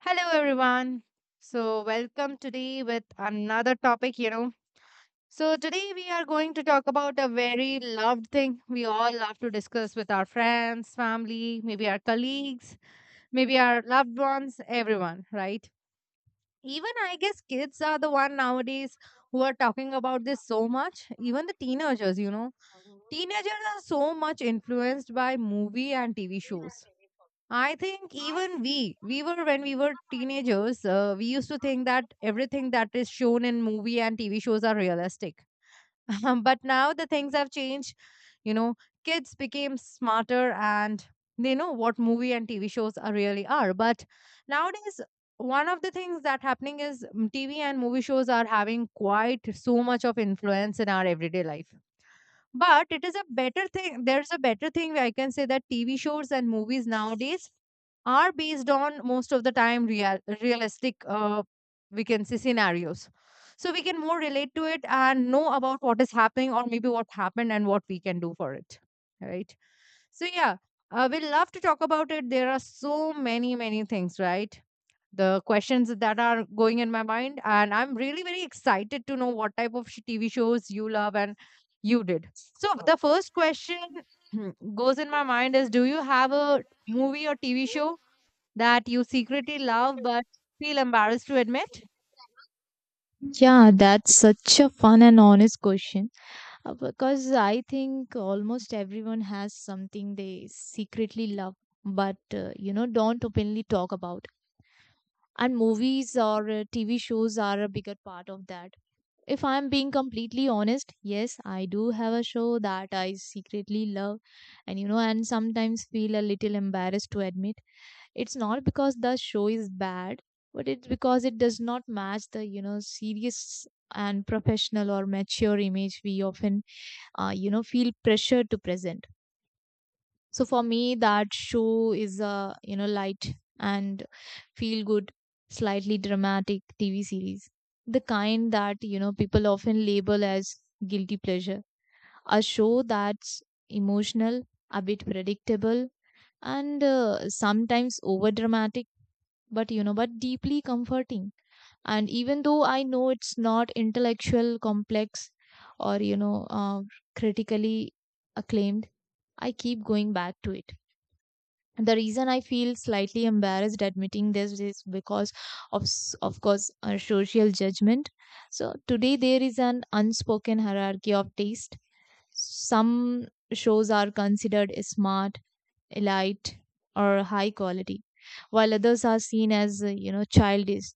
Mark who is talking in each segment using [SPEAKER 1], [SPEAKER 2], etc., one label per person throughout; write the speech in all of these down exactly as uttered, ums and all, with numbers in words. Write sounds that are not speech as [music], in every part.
[SPEAKER 1] Hello, everyone. So, welcome today with another topic, you know. So, today we are going to talk about a very loved thing we all love to discuss with our friends, family, maybe our colleagues, maybe our loved ones, everyone, right? Even I guess kids are the one nowadays who are talking about this so much, even the teenagers, you know. Teenagers are so much influenced by movie and T V shows. I think even we, we were when we were teenagers, uh, we used to think that everything that is shown in movie and T V shows are realistic. [laughs] Um, but now the things have changed. You know, Kids became smarter and they know what movie and T V shows are really are. But nowadays, one of the things that happening is mm, T V and movie shows are having quite so much of influence in our everyday life. But it is a better thing. There's a better thing where I can say that T V shows and movies nowadays are based on most of the time real realistic uh, we can say scenarios. So we can more relate to it and know about what is happening or maybe what happened and what we can do for it. Right. So yeah, uh, we love to talk about it. There are so many many things, right? The questions that are going in my mind, and I'm really very excited to know what type of sh- tv shows you love and you did. So the first question [clears throat] goes in my mind is, do you have a movie or T V show that you secretly love but feel embarrassed to admit?
[SPEAKER 2] Yeah, that's such a fun and honest question uh, because I think almost everyone has something they secretly love but uh, you know don't openly talk about. And movies or uh, T V shows are a bigger part of that. If I'm being completely honest, yes, I do have a show that I secretly love and you know, and sometimes feel a little embarrassed to admit. It's not because the show is bad, but it's because it does not match the, you know, serious and professional or mature image we often, uh, you know, feel pressure to present. So for me, that show is a you know light and feel good, slightly dramatic TV series, the kind that you know people often label as guilty pleasure. A show that's emotional, a bit predictable, and uh, sometimes over dramatic, but you know but deeply comforting. And even though I know it's not intellectual complex, or you know uh, critically acclaimed, I keep going back to it. The reason I feel slightly embarrassed admitting this is because of s- of course uh, social judgment. So today there is an unspoken hierarchy of taste. Some shows are considered smart, elite, or high quality, while others are seen as, uh, you know, childish,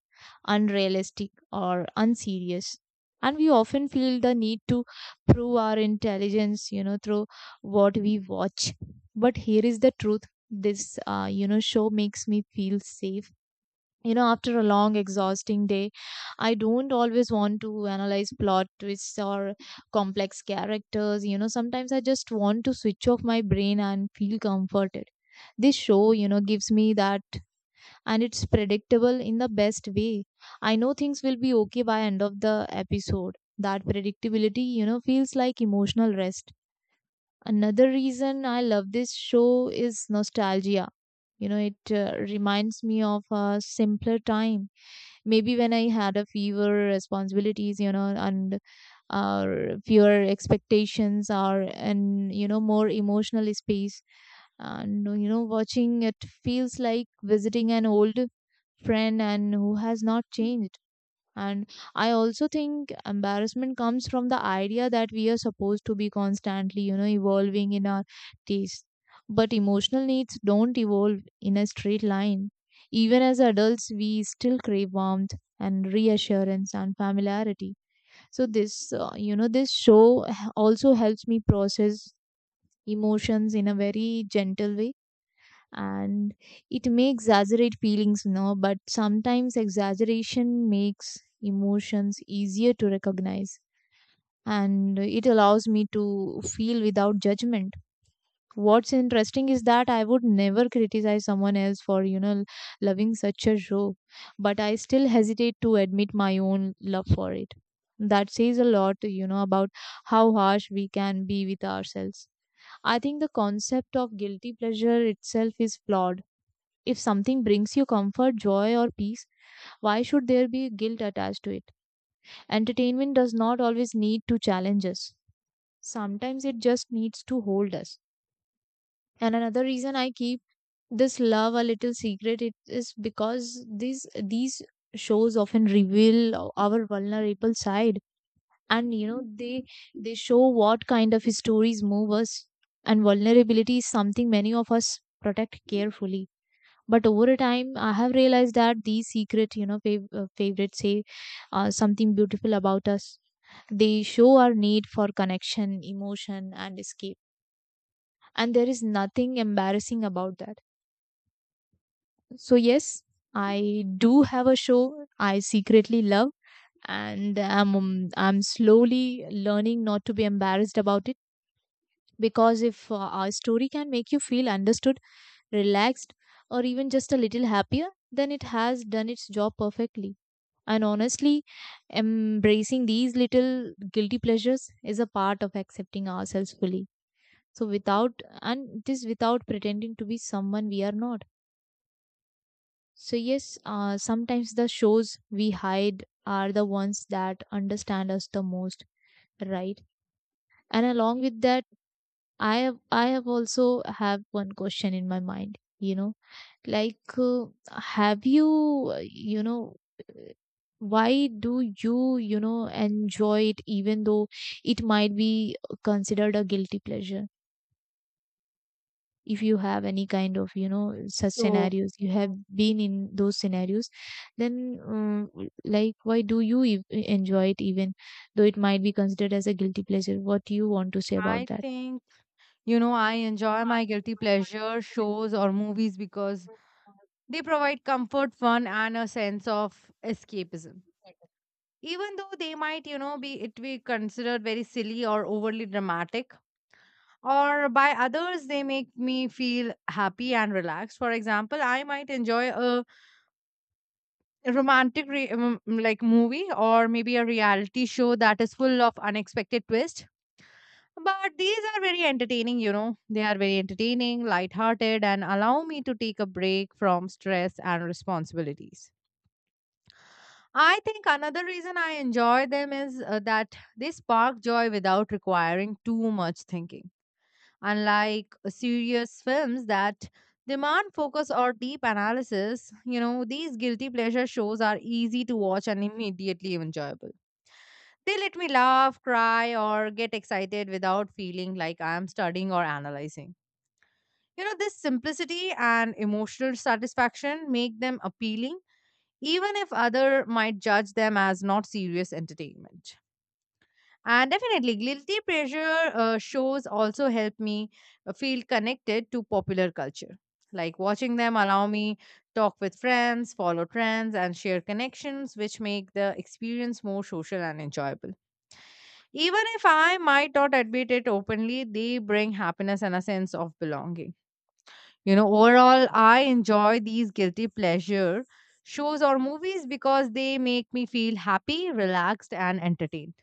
[SPEAKER 2] unrealistic, or unserious. And we often feel the need to prove our intelligence, you know, through what we watch. But here is the truth. This, uh, you know, show makes me feel safe. You know, after a long, exhausting day, I don't always want to analyze plot twists or complex characters. You know, sometimes I just want to switch off my brain and feel comforted. This show, you know, gives me that, and it's predictable in the best way. I know things will be okay by end of the episode. That predictability, you know, feels like emotional rest. Another reason I love this show is nostalgia. You know, it uh, reminds me of a simpler time, maybe when I had a fewer responsibilities, you know and or fewer expectations, or and you know more emotional space. And you know watching it feels like visiting an old friend and who has not changed. And I also think embarrassment comes from the idea that we are supposed to be constantly, you know, evolving in our taste. But emotional needs don't evolve in a straight line. Even as adults, we still crave warmth and reassurance and familiarity. So, this, uh, you know, this show h- also helps me process emotions in a very gentle way. And it may exaggerate feelings, you know but sometimes exaggeration makes emotions easier to recognize, and it allows me to feel without judgment. What's interesting is that I would never criticize someone else for you know loving such a show, but I still hesitate to admit my own love for it. That says a lot you know about how harsh we can be with ourselves. I think the concept of guilty pleasure itself is flawed. If something brings you comfort, joy, or peace, why should there be guilt attached to it? Entertainment does not always need to challenge us, sometimes it just needs to hold us. And another reason I keep this love a little secret it is because these these shows often reveal our vulnerable side. And you know they they show what kind of stories move us, and vulnerability is something many of us protect carefully. But over time I have realized that these secret you know fav- uh, favorites say uh, something beautiful about us. They show our need for connection, emotion, and escape, and there is nothing embarrassing about that. So yes, I do have a show I secretly love, and i'm um, I'm slowly learning not to be embarrassed about it. Because if uh, our story can make you feel understood, relaxed, or even just a little happier, then it has done its job perfectly. And honestly, embracing these little guilty pleasures is a part of accepting ourselves fully. So, without, and it is without pretending to be someone we are not. So, yes, uh, sometimes the shows we hide are the ones that understand us the most, right? And along with that, I have I have also have one question in my mind, you know, like uh, have you uh, you know uh, why do you you know enjoy it even though it might be considered a guilty pleasure? If you have any kind of you know such
[SPEAKER 1] So
[SPEAKER 2] scenarios, you have been in those scenarios, then um, like why do you e- enjoy it even though it might be considered as a guilty pleasure? What do you want to say about
[SPEAKER 1] I
[SPEAKER 2] that?
[SPEAKER 1] think you know I enjoy my guilty pleasure shows or movies because they provide comfort, fun, and a sense of escapism. Even though they might you know be it be considered very silly or overly dramatic or by others, they make me feel happy and relaxed. For example, I might enjoy a romantic re- um, like, movie, or maybe a reality show that is full of unexpected twists. But these are very entertaining. You know they are very entertaining, lighthearted, and allow me to take a break from stress and responsibilities. I think another reason I enjoy them is uh, that they spark joy without requiring too much thinking. Unlike uh, serious films that demand focus or deep analysis, you know, these guilty pleasure shows are easy to watch and immediately enjoyable. They let me laugh, cry, or get excited without feeling like I am studying or analyzing. You know, this simplicity and emotional satisfaction make them appealing even if other might judge them as not serious entertainment. And definitely guilty pleasure uh, shows also help me uh, feel connected to popular culture, like watching them allow me talk with friends, follow trends, and share connections, which make the experience more social and enjoyable. Even if I might not admit it openly, they bring happiness and a sense of belonging. You know, overall, I enjoy these guilty pleasure shows or movies because they make me feel happy, relaxed, and entertained.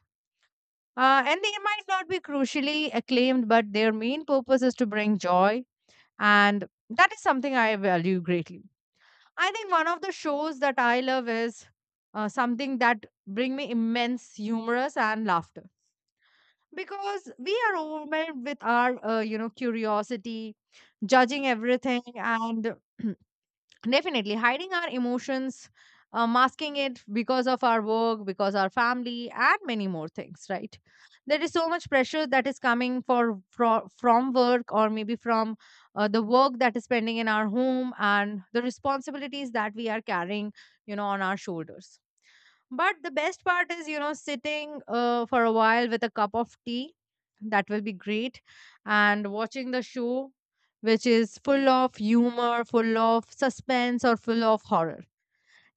[SPEAKER 1] Uh, and they might not be crucially acclaimed, but their main purpose is to bring joy, and that is something I value greatly. I think one of the shows that I love is uh, something that bring me immense humorous and laughter, because we are overwhelmed with our uh, you know curiosity, judging everything, and [clears throat] definitely, hiding our emotions, uh, masking it because of our work, because our family, and many more things, right? There is so much pressure that is coming for, fro- from work or maybe from uh, the work that is pending in our home and the responsibilities that we are carrying, you know, on our shoulders. But the best part is, you know, sitting uh, for a while with a cup of tea, that will be great, and watching the show, which is full of humor, full of suspense, or full of horror.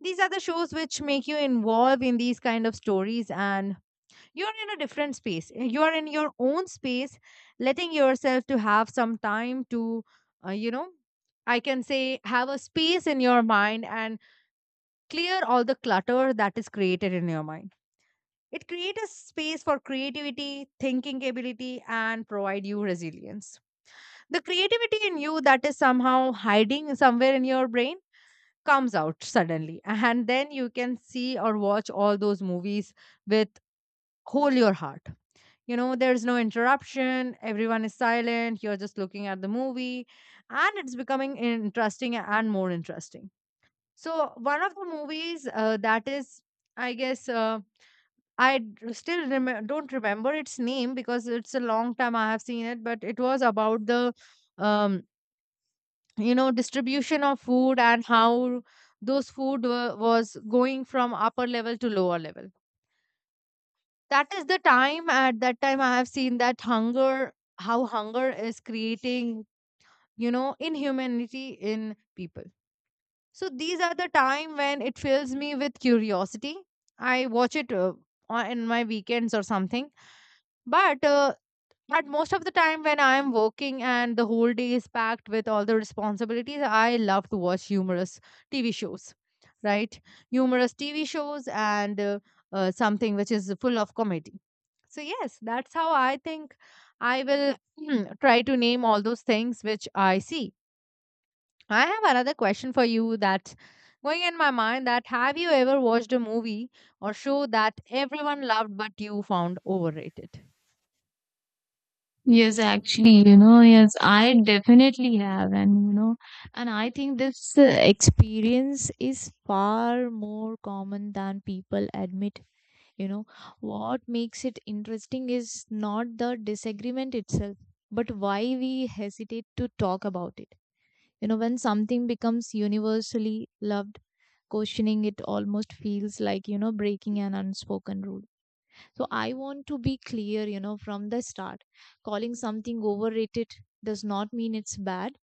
[SPEAKER 1] These are the shows which make you involve in these kind of stories, and you're in a different space. You're in your own space, letting yourself to have some time to, uh, you know, I can say, have a space in your mind, and clear all the clutter that is created in your mind. It creates a space for creativity, thinking ability, and provide you resilience. The creativity in you that is somehow hiding somewhere in your brain comes out suddenly. And then you can see or watch all those movies with whole your heart. You know, there's no interruption, everyone is silent, you're just looking at the movie, and it's becoming interesting and more interesting. So, one of the movies uh, that is, I guess, um, I d- still rem- don't remember its name because it's a long time I have seen it, but it was about the um, you know distribution of food and how those food were, was going from upper level to lower level. That is the time at that time I have seen that hunger, how hunger is creating you know inhumanity in people. So these are the time when it fills me with curiosity. I watch it uh, on- in my weekends or something, but uh, But most of the time when I am working and the whole day is packed with all the responsibilities, I love to watch humorous T V shows, right? Humorous T V shows and uh, uh, something which is full of comedy. So, yes, that's how I think I will [clears throat] try to name all those things which I see. I have another question for you, that's going in my mind, that have you ever watched a movie or show that everyone loved but you found overrated?
[SPEAKER 2] Yes, actually, you know, yes, I definitely have. And, you know, and I think this uh, experience is far more common than people admit. You know, what makes it interesting is not the disagreement itself, but why we hesitate to talk about it. You know, when something becomes universally loved, questioning it almost feels like, you know, breaking an unspoken rule. So I want to be clear, you know, from the start. Calling something overrated does not mean it's bad.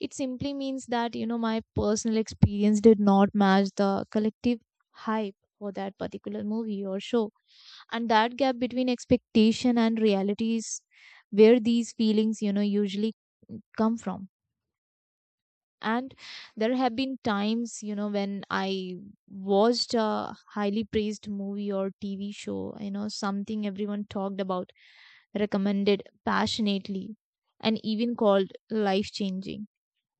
[SPEAKER 2] It simply means that, you know, my personal experience did not match the collective hype for that particular movie or show. And that gap between expectation and reality is where these feelings, you know, usually come from. And there have been times you know when I watched a highly praised movie or TV show, you know something everyone talked about, recommended passionately, and even called life changing.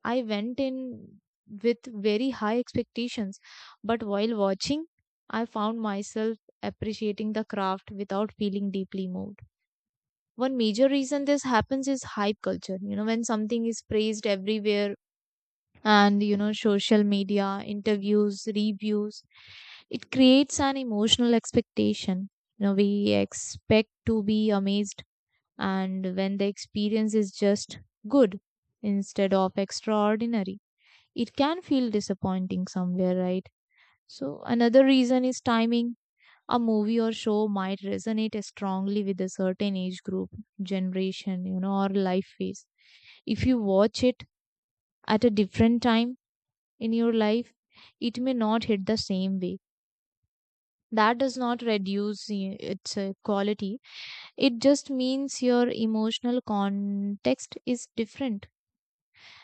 [SPEAKER 2] I went in with very high expectations, but while watching, I found myself appreciating the craft without feeling deeply moved. One major reason this happens is hype culture. You know, when something is praised everywhere, and you know social media, interviews, reviews, it creates an emotional expectation. You know, we expect to be amazed, and when the experience is just good instead of extraordinary, it can feel disappointing somewhere, right? So another reason is timing. A movie or show might resonate strongly with a certain age group, generation, you know or life phase. If you watch it at a different time in your life, it may not hit the same way. That does not reduce i- its uh, quality. It just means your emotional context is different.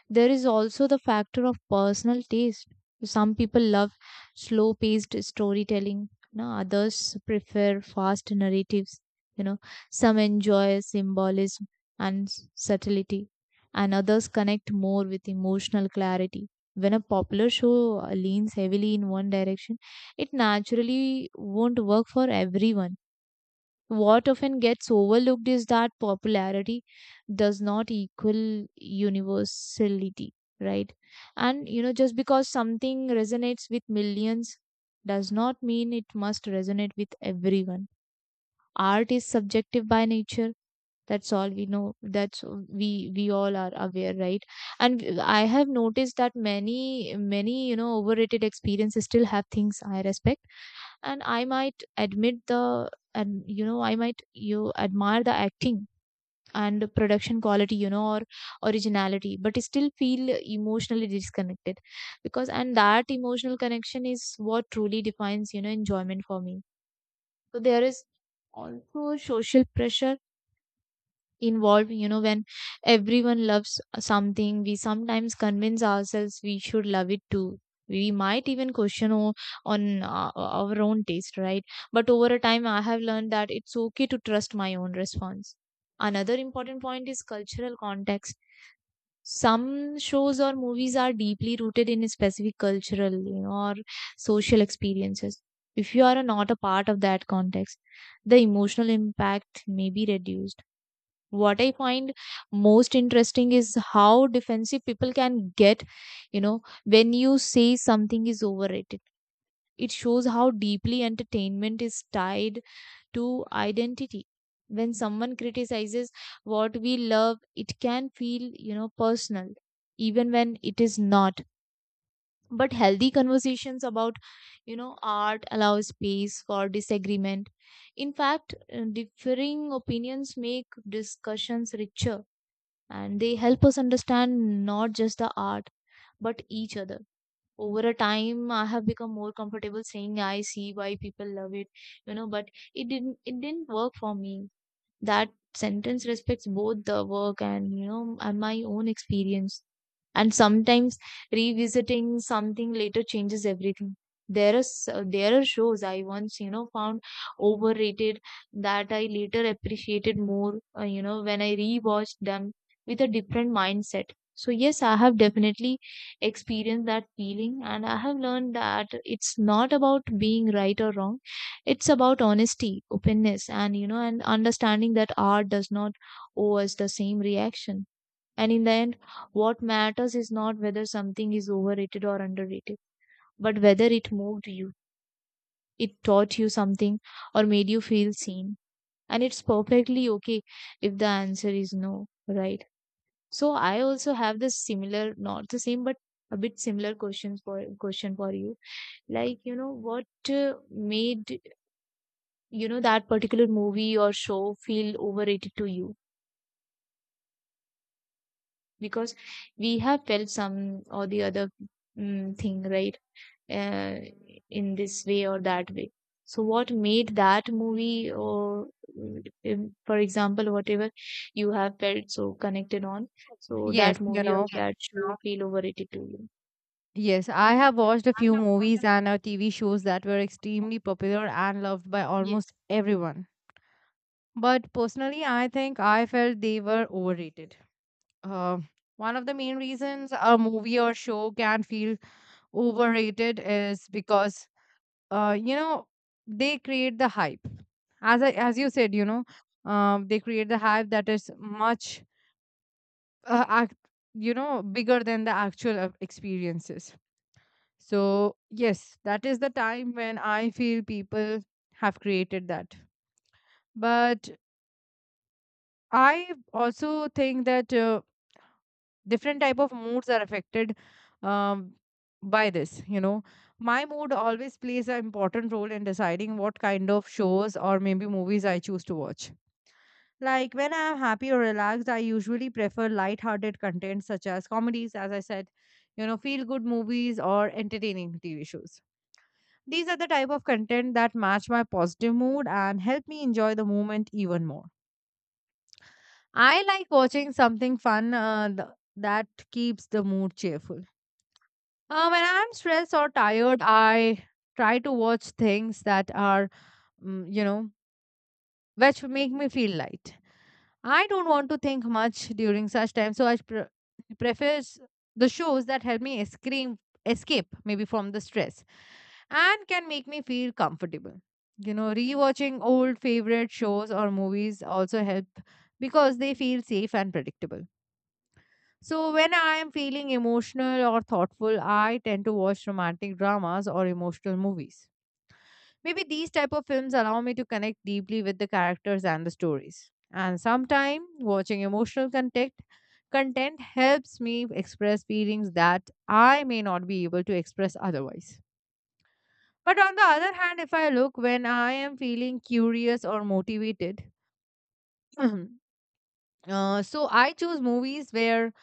[SPEAKER 2] There is also the factor of personal taste. Some people love slow paced storytelling, you know, others prefer fast narratives, you know, some enjoy symbolism and s- subtlety, and others connect more with emotional clarity. When a popular show uh, leans heavily in one direction, it naturally won't work for everyone. What often gets overlooked is that popularity does not equal universality, right? And you know, just because something resonates with millions does not mean it must resonate with everyone. Art is subjective by nature, that's all we know, that's we we all are aware, right? And w- I have noticed that many many you know overrated experiences still have things I respect. And I might admit the and You know, I might you admire the acting and the production quality, you know or originality, but I still feel emotionally disconnected. Because and that emotional connection is what truly defines you know enjoyment for me. So there is also social pressure involved. You know, when everyone loves something, we sometimes convince ourselves we should love it too. We might even question o- on uh, our own taste, right? But over a time I have learned that it's okay to trust my own response. Another important point is cultural context. Some shows or movies are deeply rooted in a specific cultural, you know or social experiences. If you are not a part of that context, the emotional impact may be reduced. What I find most interesting is how defensive people can get. You know, when you say something is overrated, it shows how deeply entertainment is tied to identity. When someone criticizes what we love, it can feel you know personal, even when it is not. But healthy conversations about you know art allow space for disagreement. In fact, uh, differing opinions make discussions richer, and they help us understand not just the art, but each other. Over a time I have become more comfortable saying I see why people love it, you know but it didn't it didn't work for me. That sentence respects both the work and you know and my own experience. And sometimes revisiting something later changes everything. There is there are shows I once you know found overrated that I later appreciated more, uh, you know when I rewatched them with a different mindset. So yes, I have definitely experienced that feeling, and I have learned that it's not about being right or wrong. It's about honesty, openness, and you know and understanding that art does not owe us the same reaction. And in the end, what matters is not whether something is overrated or underrated, but whether it moved you, it taught you something or made you feel seen. And it's perfectly okay if the answer is no, right? So I also have this similar, not the same but a bit similar questions for question for you. Like you know what uh, made you know that particular movie or show feel overrated to you? Because we have felt some or the other mm thing, right? uh, in this way or that way. So what made that movie or mm, im- for example, whatever you have felt so connected on, so
[SPEAKER 1] Yes,
[SPEAKER 2] that
[SPEAKER 1] you
[SPEAKER 2] movie or
[SPEAKER 1] know.
[SPEAKER 2] that show feel overrated to you?
[SPEAKER 1] Yes, I have watched a few movies and uh, T V shows that were extremely popular and loved by almost
[SPEAKER 2] Yes.
[SPEAKER 1] everyone. But personally, I think I felt they were overrated. Uh, one of the main reasons a movie or show can feel overrated is because, uh, you know, they create the hype. As I, as you said, you know, um, they create the hype that is much, uh, act, you know, bigger than the actual uh, experiences. So yes, that is the time when I feel people have created that. But I also think that. Uh, different type of moods are affected um, by this. You know my mood always plays an important role in deciding what kind of shows or maybe movies I choose to watch. Like when I am happy or relaxed, I usually prefer light-hearted content such as comedies. As I said, you know feel good movies or entertaining T V shows, these are the type of content that match my positive mood and help me enjoy the moment even more. I like watching something fun, uh, th- that keeps the mood cheerful. Uh, when I'm stressed or tired, I try to watch things that are, mm, you know, which make me feel light. I don't want to think much during such time, so I pre- prefer s- the shows that help me escape, escape, maybe from the stress, and can make me feel comfortable. You know, rewatching old favorite shows or movies also help because they feel safe and predictable. So, when I am feeling emotional or thoughtful, I tend to watch romantic dramas or emotional movies. Maybe these type of films allow me to connect deeply with the characters and the stories. And sometimes watching emotional content content helps me express feelings that I may not be able to express otherwise. But on the other hand, if I look, when I am feeling curious or motivated, [clears throat] uh, so I choose movies where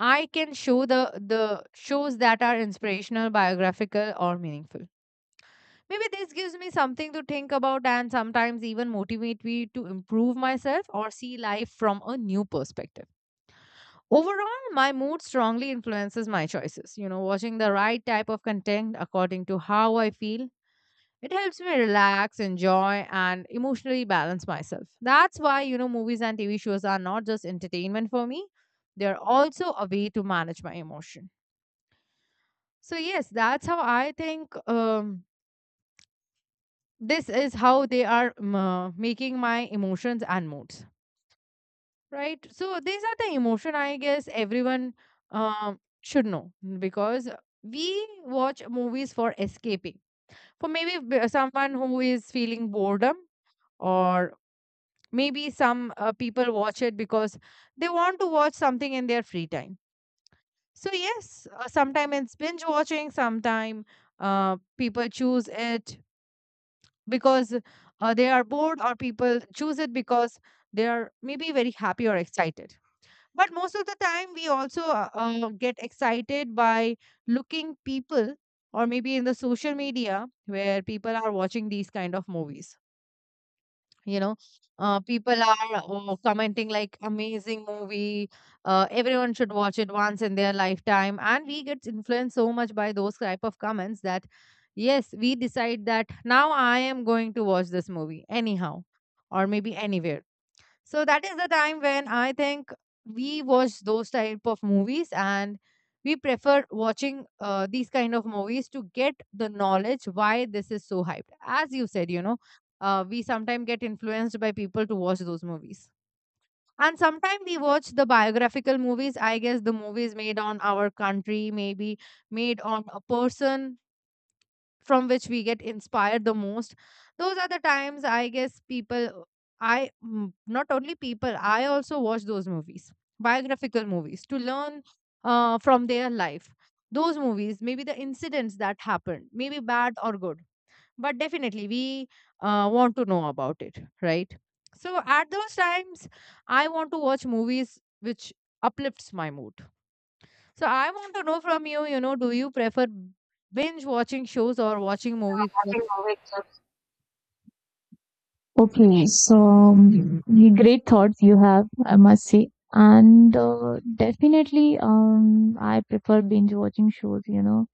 [SPEAKER 1] I can show the the shows that are inspirational, biographical, or meaningful. Maybe this gives me something to think about and sometimes even motivate me to improve myself or see life from a new perspective. Overall, my mood strongly influences my choices. You know, watching the right type of content according to how I feel, it helps me relax, enjoy, and emotionally balance myself. That's why, you know, movies and T V shows are not just entertainment for me, they're also a way to manage my emotion. So yes, that's how I think, um, this is how they are um, uh, making my emotions and moods, right? So these are the emotion I guess everyone um, should know, mm, because we watch movies for escaping. For maybe b- uh, someone who is feeling boredom, or maybe some uh, people watch it because they want to watch something in their free time. So yes, uh, sometime it's binge watching, sometime uh, people choose it because uh, they are bored, or people choose it because they are maybe very happy or excited. But most of the time we also uh, uh, get excited by looking people, or maybe in the social media where people are watching these kind of movies. you know uh, People are uh, commenting like, amazing movie, uh, everyone should watch it once in their lifetime, and we get influenced so much by those type of comments, that yes, we decide that now I am going to watch this movie anyhow, or maybe anywhere. So that is the time when I think we watch those type of movies, and we prefer watching uh, these kind of movies to get the knowledge why this is so hyped. As you said, you know, uh, we sometimes get influenced by people to watch those movies. And sometimes we watch the biographical movies. I guess the movies made on our country, maybe made on a person from which we get inspired the most, those are the times I guess people, i mm, not only people, I also watch those movies, biographical movies, to learn uh, from their life. Those movies, maybe the incidents that happened maybe bad or good, but definitely we uh, want to know about it, right? So at those times I want to watch movies which uplifts my mood. So I want to know from you, you know, do you prefer binge watching shows or watching movies? What-
[SPEAKER 2] Okay, so um, y- great thoughts you have, I must say. And uh, definitely, um, I prefer binge watching shows, you know,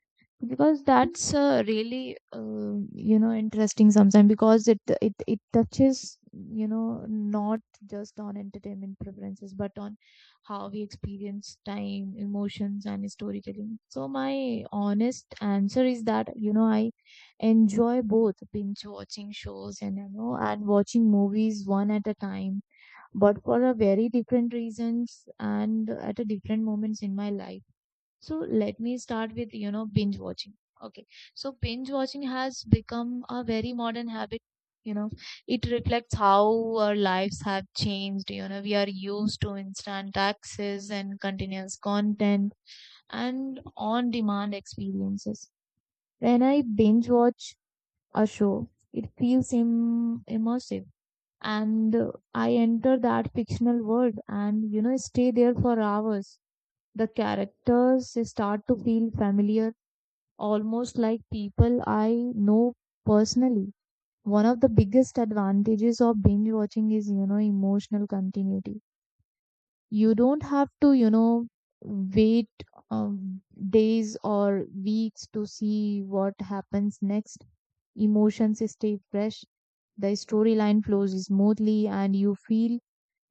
[SPEAKER 2] because that's uh, really, uh, you know, interesting sometimes because it it it touches, you know, not just on entertainment preferences, but on how we experience time, emotions, and storytelling. So my honest answer is that, you know, I enjoy both binge watching shows and, you know, and watching movies one at a time, but for a very different reasons and at a different moments in my life. So let me start with, you know, binge watching. Okay. So binge watching has become a very modern habit. You know, it reflects how our lives have changed. You know, we are used to instant access and continuous content and on demand experiences. When I binge watch a show, it feels Im- immersive. And uh, I enter that fictional world and, you know, stay there for hours. The characters start to feel familiar, almost like people I know personally. One of the biggest advantages of binge watching is, you know, emotional continuity. You don't have to, you know, wait um, days or weeks to see what happens next. Emotions stay fresh, the storyline flows smoothly, and you feel,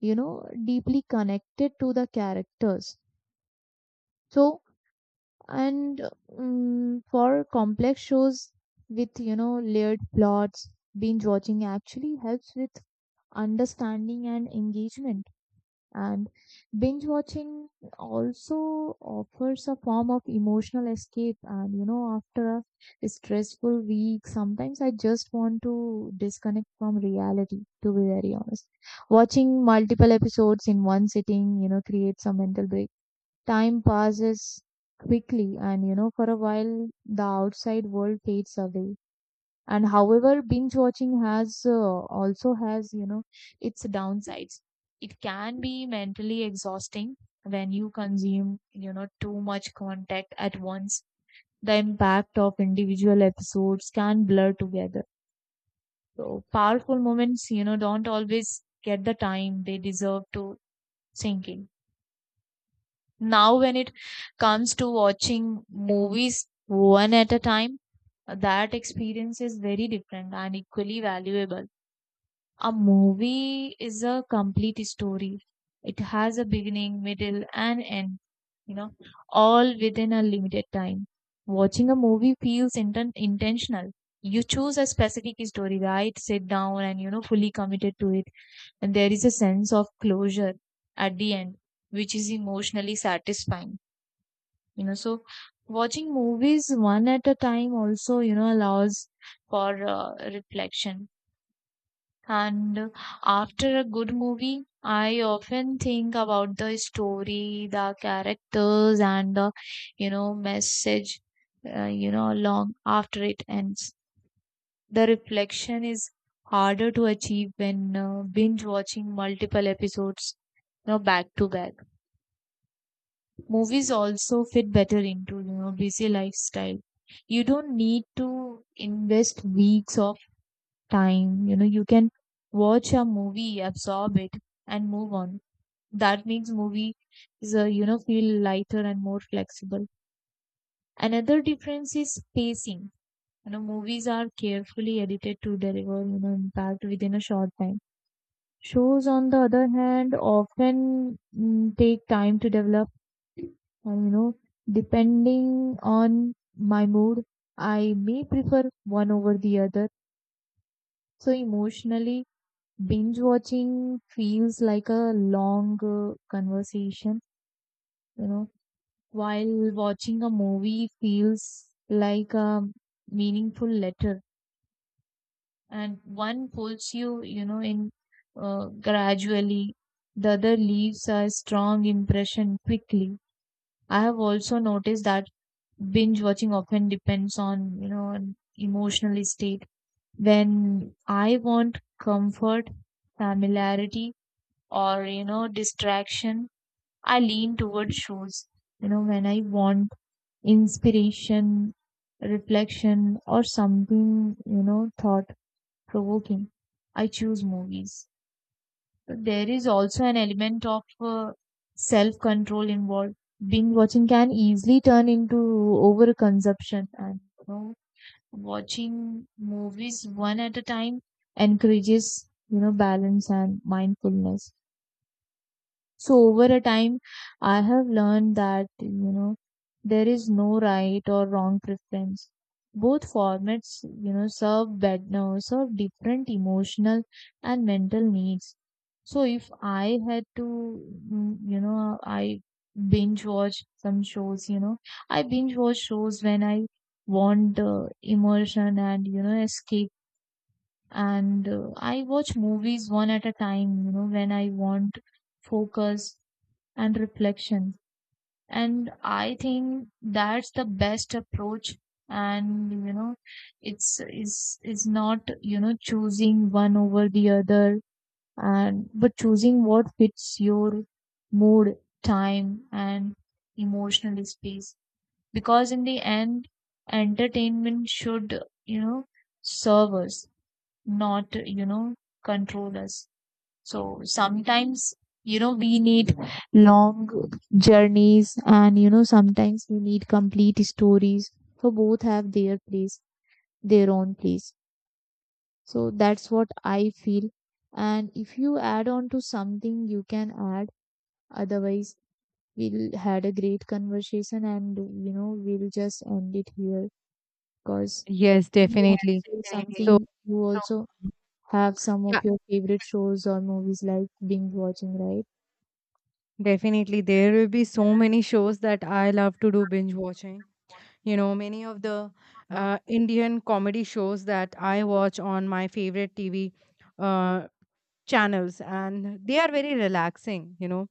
[SPEAKER 2] you know, deeply connected to the characters. So, and mm for complex shows with, you know, layered plots, binge watching actually helps with understanding and engagement. And binge watching also offers a form of emotional escape. And you know, after a stressful week, sometimes I just want to disconnect from reality, to be very honest. Watching multiple episodes in one sitting, you know, creates a mental break. Time passes quickly, and you know, for a while, the outside world fades away. And however binge watching has uh, also has, you know, its downsides. It can be mentally exhausting when you consume, you know, too much content at once. The impact of individual episodes can blur together, so powerful moments, you know, don't always get the time they deserve to sink in. Now when it comes to watching movies one at a time, that experience is very different and equally valuable. A movie is a complete story. It has a beginning, middle, and end, you know, all within a limited time. Watching a movie feels inten- intentional. You choose a specific story, right? Sit down and, you know, fully committed to it. And there is a sense of closure at the end, which is emotionally satisfying, you know. So, watching movies one at a time also, you know, allows for uh, reflection. And after a good movie, I often think about the story, the characters, and the, you know, message, uh, you know, long after it ends. The reflection is harder to achieve when uh, binge watching multiple episodes, you know, back to back. Movies also fit better into, you know, busy lifestyle. You don't need to invest weeks of time. You know, you can watch a movie, absorb it, and move on. That makes movies, uh, you know, feel lighter and more flexible. Another difference is pacing. You know, movies are carefully edited to deliver, you know, impact within a short time. Shows, on the other hand, often mm, take time to develop. And, you know, depending on my mood, I may prefer one over the other. So emotionally, binge watching feels like a long uh, conversation, you know, while watching a movie feels like a meaningful letter, and one pulls you, you know, in uh, gradually, the other leaves a strong impression quickly. I have also noticed that binge watching often depends on, you know, on emotional state. When I want comfort, familiarity, or, you know, distraction, I lean towards shows. You know, when I want inspiration, reflection, or something, you know, thought provoking, I choose movies. But there is also an element of uh, self control involved. Binge watching can easily turn into overconsumption, and you know, watching movies one at a time encourages, you know, balance and mindfulness. So over a time, I have learned that, you know, there is no right or wrong preference. Both formats, you know, serve bed no, serve different emotional and mental needs. So if I had to, mm, you know, I binge watch some shows, you know, I binge watch shows when I want uh, immersion and, you know, escape. And uh, I watch movies one at a time, you know, when I want focus and reflection. And I think that's the best approach. And you know, it's is is not, you know, choosing one over the other, and but choosing what fits your mood, time, and emotional space. Because in the end, entertainment should, you know, serve us, not, you know, control us. So sometimes, you know, we need long journeys and, you know, sometimes we need complete stories. So both have their place, their own place. So that's what I feel. And if you add on to something, you can add. Otherwise, we'll had a great conversation and, you know, we'll just end it here because.
[SPEAKER 1] Yes, definitely.
[SPEAKER 2] Definitely.
[SPEAKER 1] So,
[SPEAKER 2] Something you So also have some
[SPEAKER 1] yeah,
[SPEAKER 2] of your favorite shows or movies like binge watching, right?
[SPEAKER 1] definitely. There will be so many shows that I love to do binge watching. You know, many of the uh, Indian comedy shows that I watch on my favorite T V uh, channels, and they are very relaxing. You know,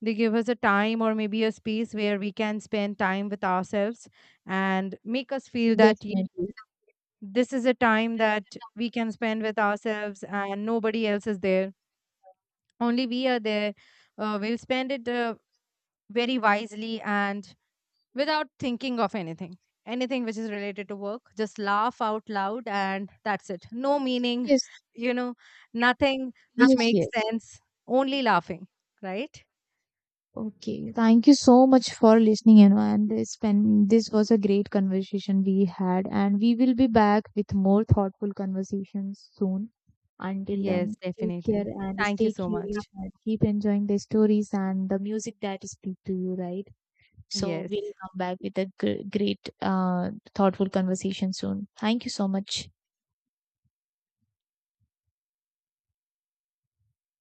[SPEAKER 1] they give us a time or maybe a space where we can spend time with ourselves, and make us feel that
[SPEAKER 2] Definitely.
[SPEAKER 1] this is a time that we can spend with ourselves, and nobody else is there, only we are there. Uh, we'll spend it uh, very wisely, and without thinking of anything anything which is related to work, just laugh out loud, and that's it, no meaning.
[SPEAKER 2] Yes.
[SPEAKER 1] you know Nothing which
[SPEAKER 2] Yes,
[SPEAKER 1] makes
[SPEAKER 2] yes.
[SPEAKER 1] sense, only laughing, right?
[SPEAKER 2] Okay. Thank you so much for listening, you know, and this pen, this was a great conversation we had, and we will be back with more thoughtful conversations soon. Until
[SPEAKER 1] Yes,
[SPEAKER 2] then, take care
[SPEAKER 1] definitely,
[SPEAKER 2] and
[SPEAKER 1] thank you
[SPEAKER 2] stay
[SPEAKER 1] so
[SPEAKER 2] curious
[SPEAKER 1] much.
[SPEAKER 2] and keep enjoying the stories and the music that speak to you, right? So we'll
[SPEAKER 1] Yes.
[SPEAKER 2] come back with a gr- great, uh, thoughtful conversation soon. Thank you so much.